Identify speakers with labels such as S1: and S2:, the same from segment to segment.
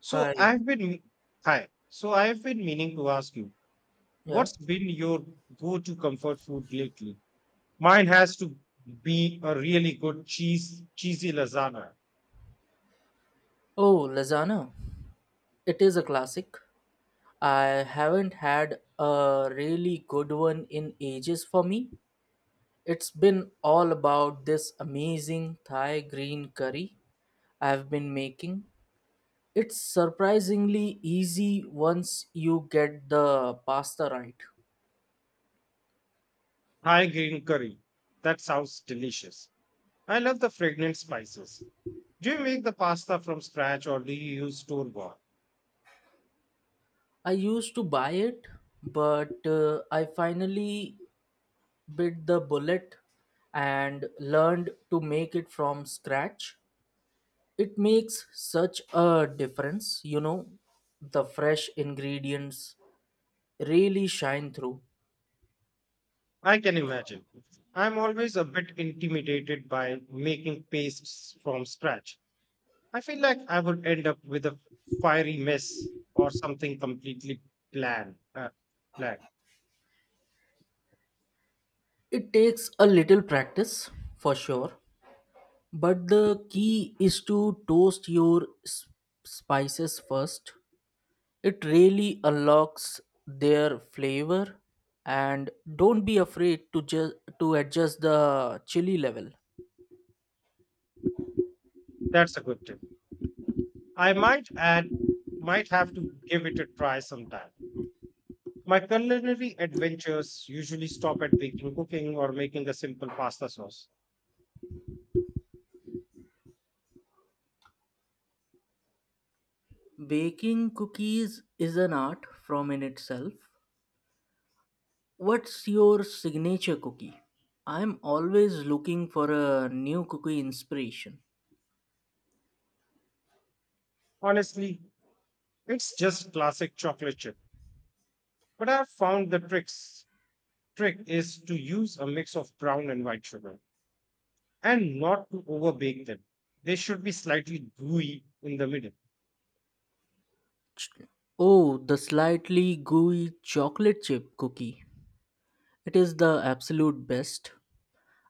S1: So
S2: Hi.
S1: I've been hi. So I've been meaning to ask you,
S2: Yeah.
S1: what's been your go-to comfort food lately? Mine has to be a really good cheese cheesy lasagna,
S2: Oh, lasagna. It is a classic. I haven't had a really good one in ages for me. It's been all about this amazing Thai green curry I've been making. It's surprisingly easy once you get the pasta right.
S1: high green curry. That sounds delicious. I love the fragrant spices. Do you make the pasta from scratch or do you use store bought?
S2: I used to buy it, but I finally bit the bullet and learned to make it from scratch. It makes such a difference, the fresh ingredients really shine through.
S1: I can imagine. I'm always a bit intimidated by making pastes from scratch. I feel like I would end up with a fiery mess or something completely bland. Uh, bland.
S2: It takes a little practice for sure, but the key is to toast your spices first. It really unlocks their flavor. And don't be afraid to just to adjust the chili level.
S1: That's a good tip. I might add, might have to give it a try sometime. My culinary adventures usually stop at baking, cooking, or making a simple pasta sauce.
S2: Baking cookies is an art from in itself. What's your signature cookie? I'm always looking for a new cookie inspiration.
S1: Honestly, it's just classic chocolate chip. But I've found the trick is to use a mix of brown and white sugar and not to overbake them. They should be slightly gooey in the middle.
S2: Ch- Oh, the slightly gooey chocolate chip cookie. It is the absolute best.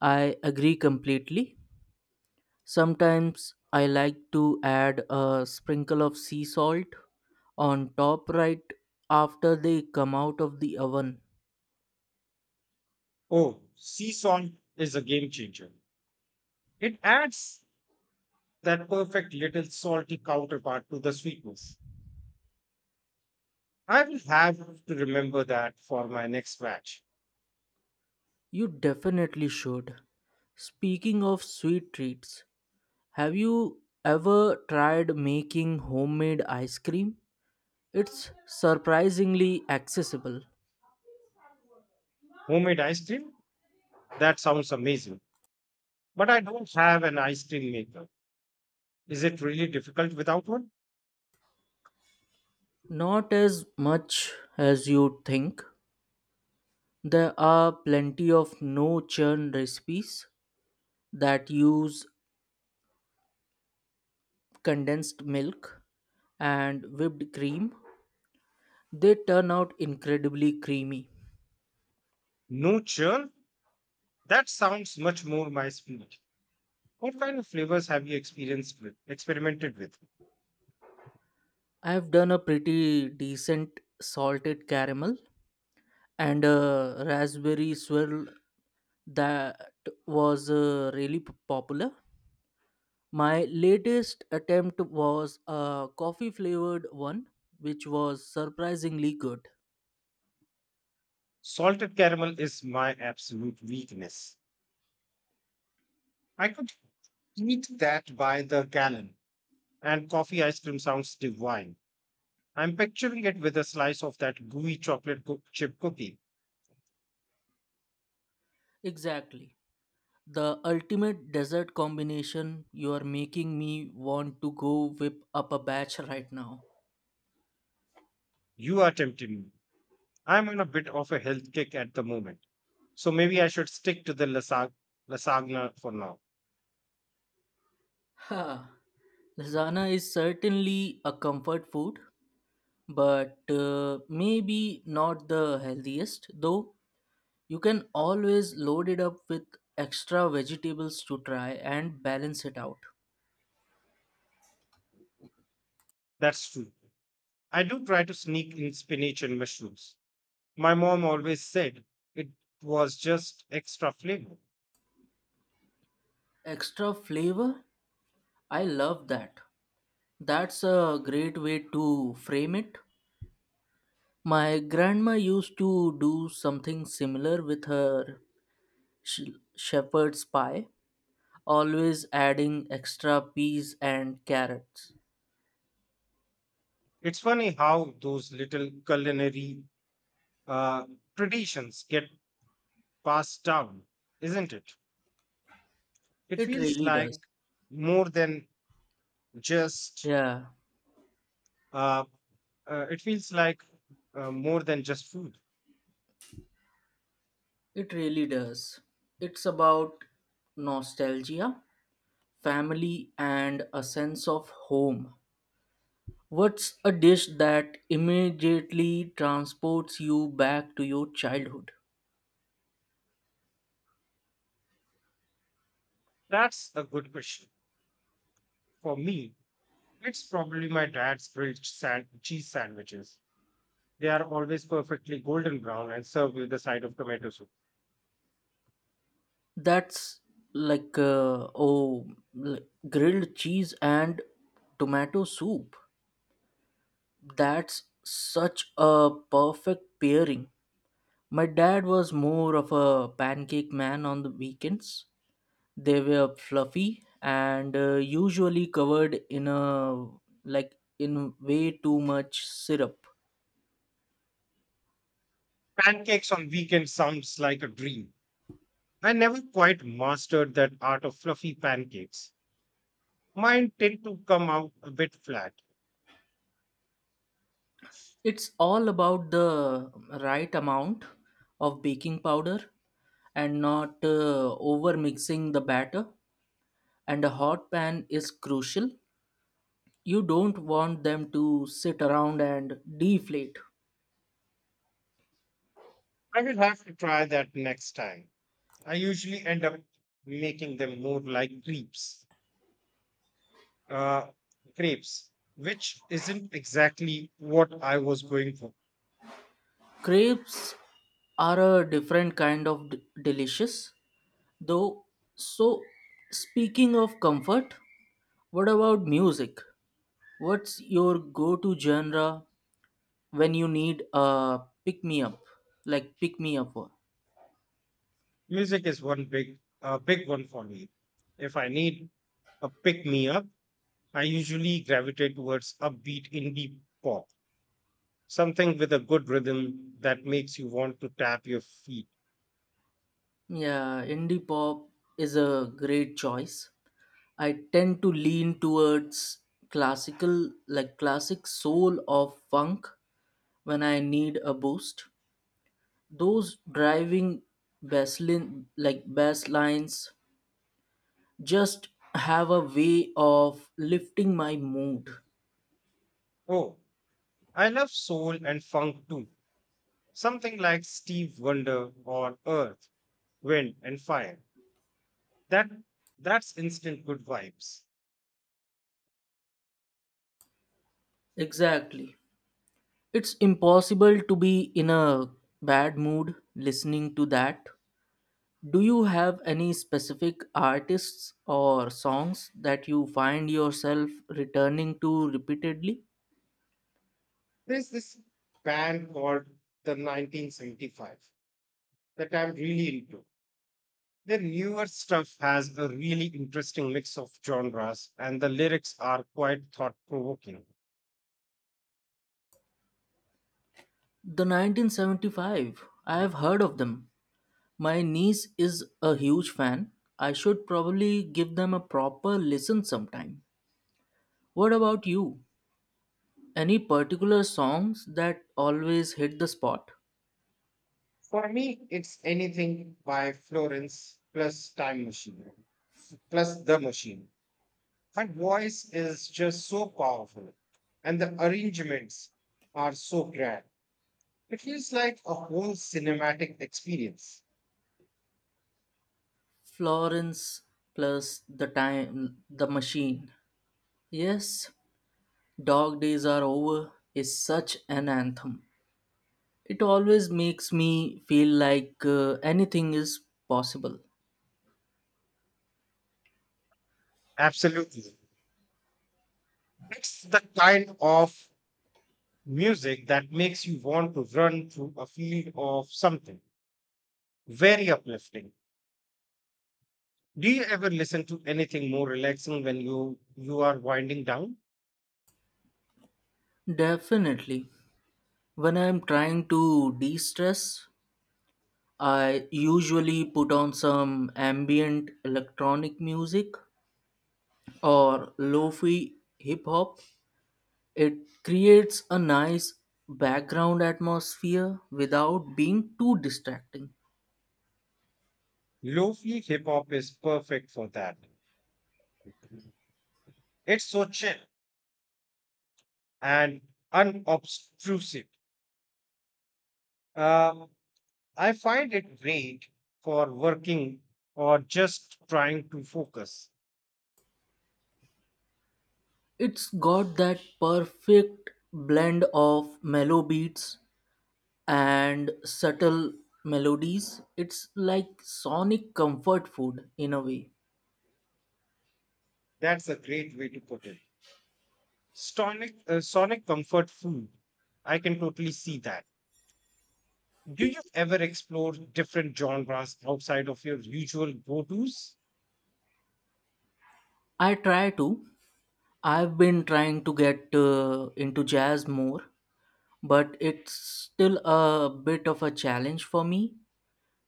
S2: I agree completely. Sometimes I like to add a sprinkle of sea salt on top right after they come out of the oven.
S1: Oh, sea salt is a game changer. It adds that perfect little salty counterpart to the sweetness. I will have to remember that for my next batch.
S2: You definitely should. Speaking of sweet treats, have you ever tried making homemade ice cream? It's surprisingly accessible.
S1: Homemade ice cream? That sounds amazing. But I don't have an ice cream maker. Is it really difficult without one?
S2: Not as much as you'd think. There are plenty of no churn recipes that use condensed milk and whipped cream. They turn out incredibly creamy.
S1: No churn? That sounds much more my speed. What kind of flavors have you experimented with?
S2: I've done a pretty decent salted caramel and a raspberry swirl that was really popular. My latest attempt was a coffee flavored one, which was surprisingly good.
S1: Salted caramel is my absolute weakness. I could eat that by the gallon and coffee ice cream sounds divine. I'm picturing it with a slice of that gooey chocolate chip cookie.
S2: Exactly. The ultimate dessert combination. You are making me want to go whip up a batch right now.
S1: You are tempting me. I'm on a bit of a health kick at the moment, so maybe I should stick to the lasagna for now.
S2: Ha. Lasagna is certainly a comfort food, but maybe not the healthiest, though. You can always load it up with extra vegetables to try and balance it out.
S1: That's true. I do try to sneak in spinach and mushrooms. My mom always said it was just extra flavor.
S2: Extra flavor? I love that. That's a great way to frame it. My grandma used to do something similar with her shepherd's pie, always adding extra peas and carrots.
S1: It's funny how those little culinary uh, traditions get passed down, isn't it? It
S2: It
S1: feels
S2: really does.
S1: like more than just
S2: Yeah,
S1: uh, it feels like more than just food.
S2: it really does. It's about nostalgia, family, and a sense of home. What's a dish that immediately transports you back to your childhood?
S1: That's a good question. For me, it's probably my dad's grilled cheese sandwiches. They are always perfectly golden brown and served with a side of tomato soup.
S2: That's like oh, like grilled cheese and tomato soup. That's such a perfect pairing. My dad was more of a pancake man on the weekends. They were fluffy and usually covered in a, like, in way too much syrup.
S1: Pancakes on weekends sounds like a dream. I never quite mastered that art of fluffy pancakes. Mine tend to come out a bit flat.
S2: It's all about the right amount of baking powder and not over mixing the batter. And a hot pan is crucial. You don't want them to sit around and deflate.
S1: I will have to try that next time. I usually end up making them more like crepes, uh, crepes, which isn't exactly what I was going for.
S2: Crepes are a different kind of delicious, though. So, speaking of comfort, what about music? What's your go-to genre when you need a pick me up? Like pick me up. Or
S1: Music is one big one for me. If I need a pick me up, I usually gravitate towards upbeat indie pop, something with a good rhythm that makes you want to tap your feet.
S2: yeah, indie pop is a great choice. I tend to lean towards classic soul or funk when I need a boost. Those driving bass lines just have a way of lifting my mood.
S1: Oh, I love soul and funk too. Something like Steve Wonder or Earth, Wind and Fire. That that's instant good vibes.
S2: Exactly. It's impossible to be in a bad mood listening to that. Do you have any specific artists or songs that you find yourself returning to repeatedly?
S1: There's this band called the 1975 that I'm really into. Their newer stuff has a really interesting mix of genres, and the lyrics are quite thought provoking.
S2: The 1975. I have heard of them. My niece is a huge fan. I should probably give them a proper listen sometime. What about you? Any particular songs that always hit the spot?
S1: For me, it's anything by Florence plus Time Machine, plus The Machine. Her voice is just so powerful, and the arrangements are so grand. It feels like a whole cinematic experience.
S2: Florence plus the time the machine. Yes, dog days are over is such an anthem. It always makes me feel like anything is possible.
S1: Absolutely. It's the kind of music that makes you want to run through a field of something. Very uplifting. Do you ever listen to anything more relaxing when you are winding down?
S2: Definitely. When I'm trying to de stress, I usually put on some ambient electronic music or lo fi hip hop. It creates a nice background atmosphere without being too distracting.
S1: Lofi hip hop is perfect for that. It's so chill and unobtrusive. Um, I find it great for working or just trying to focus.
S2: It's got that perfect blend of mellow beats and subtle melodies. It's like sonic comfort food in a way.
S1: That's a great way to put it. Sonic comfort food. I can totally see that. Do you ever explore different genres outside of your usual go tos?
S2: I try to. I've been trying to get into jazz more, but it's still a bit of a challenge for me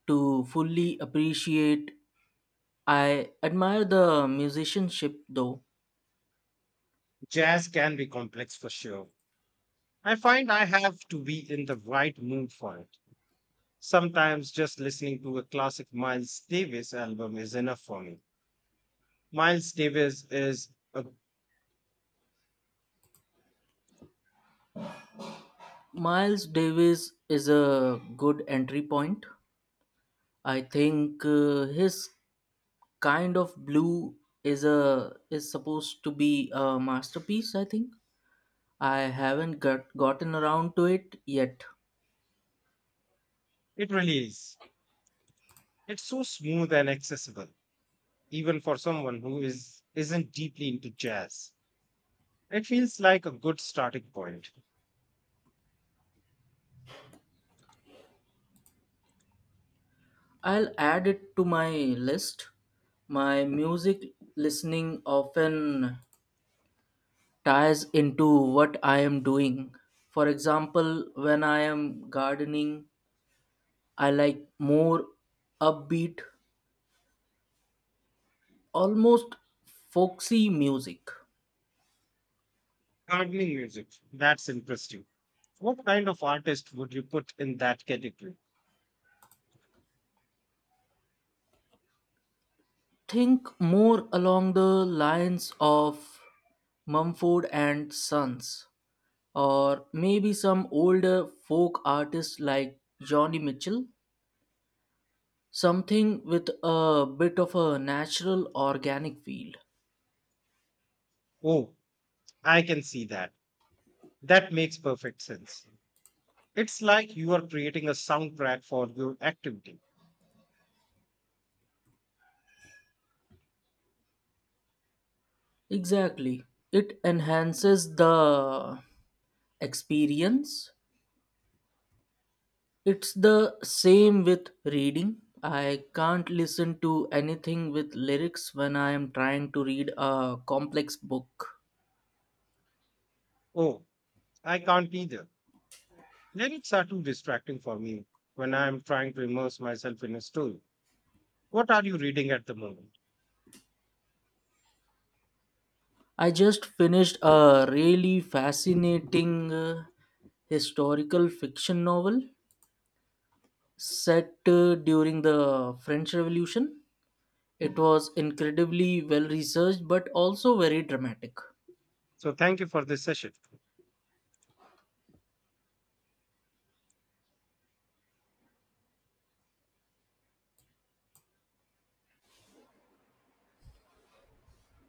S2: to fully appreciate. I admire the musicianship though.
S1: Jazz can be complex for sure. I find I have to be in the right mood for it. Sometimes just listening to a classic Miles Davis album is enough for me. Miles Davis is, a,
S2: Miles Davis is a good entry point. I think his kind of blue is supposed to be a masterpiece, I think. I haven't gotten around to it yet.
S1: it really is. It's so smooth and accessible, even for someone who is isn't deeply into jazz. It feels like a good starting point.
S2: I'll add it to my list. My music listening often ties into what I am doing. For example, when I am gardening I like more upbeat, almost foxy music.
S1: Gardening music, that's interesting. What kind of artist would you put in that category?
S2: Think more along the lines of Mumford and Sons, or maybe some older folk artists like Johnny Mitchell. Something with a bit of a natural organic feel.
S1: Oh, I can see that. That makes perfect sense. It's like you are creating a soundtrack for your activity.
S2: Exactly. It enhances the experience. It's the same with reading. I can't listen to anything with lyrics when I am trying to read a complex book.
S1: Oh, I can't either. Lyrics are too distracting for me when I am trying to immerse myself in a story. What are you reading at the moment?
S2: I just finished a really fascinating historical fiction novel set during the French Revolution. It was incredibly well researched but also very dramatic.
S1: So, thank you for this session.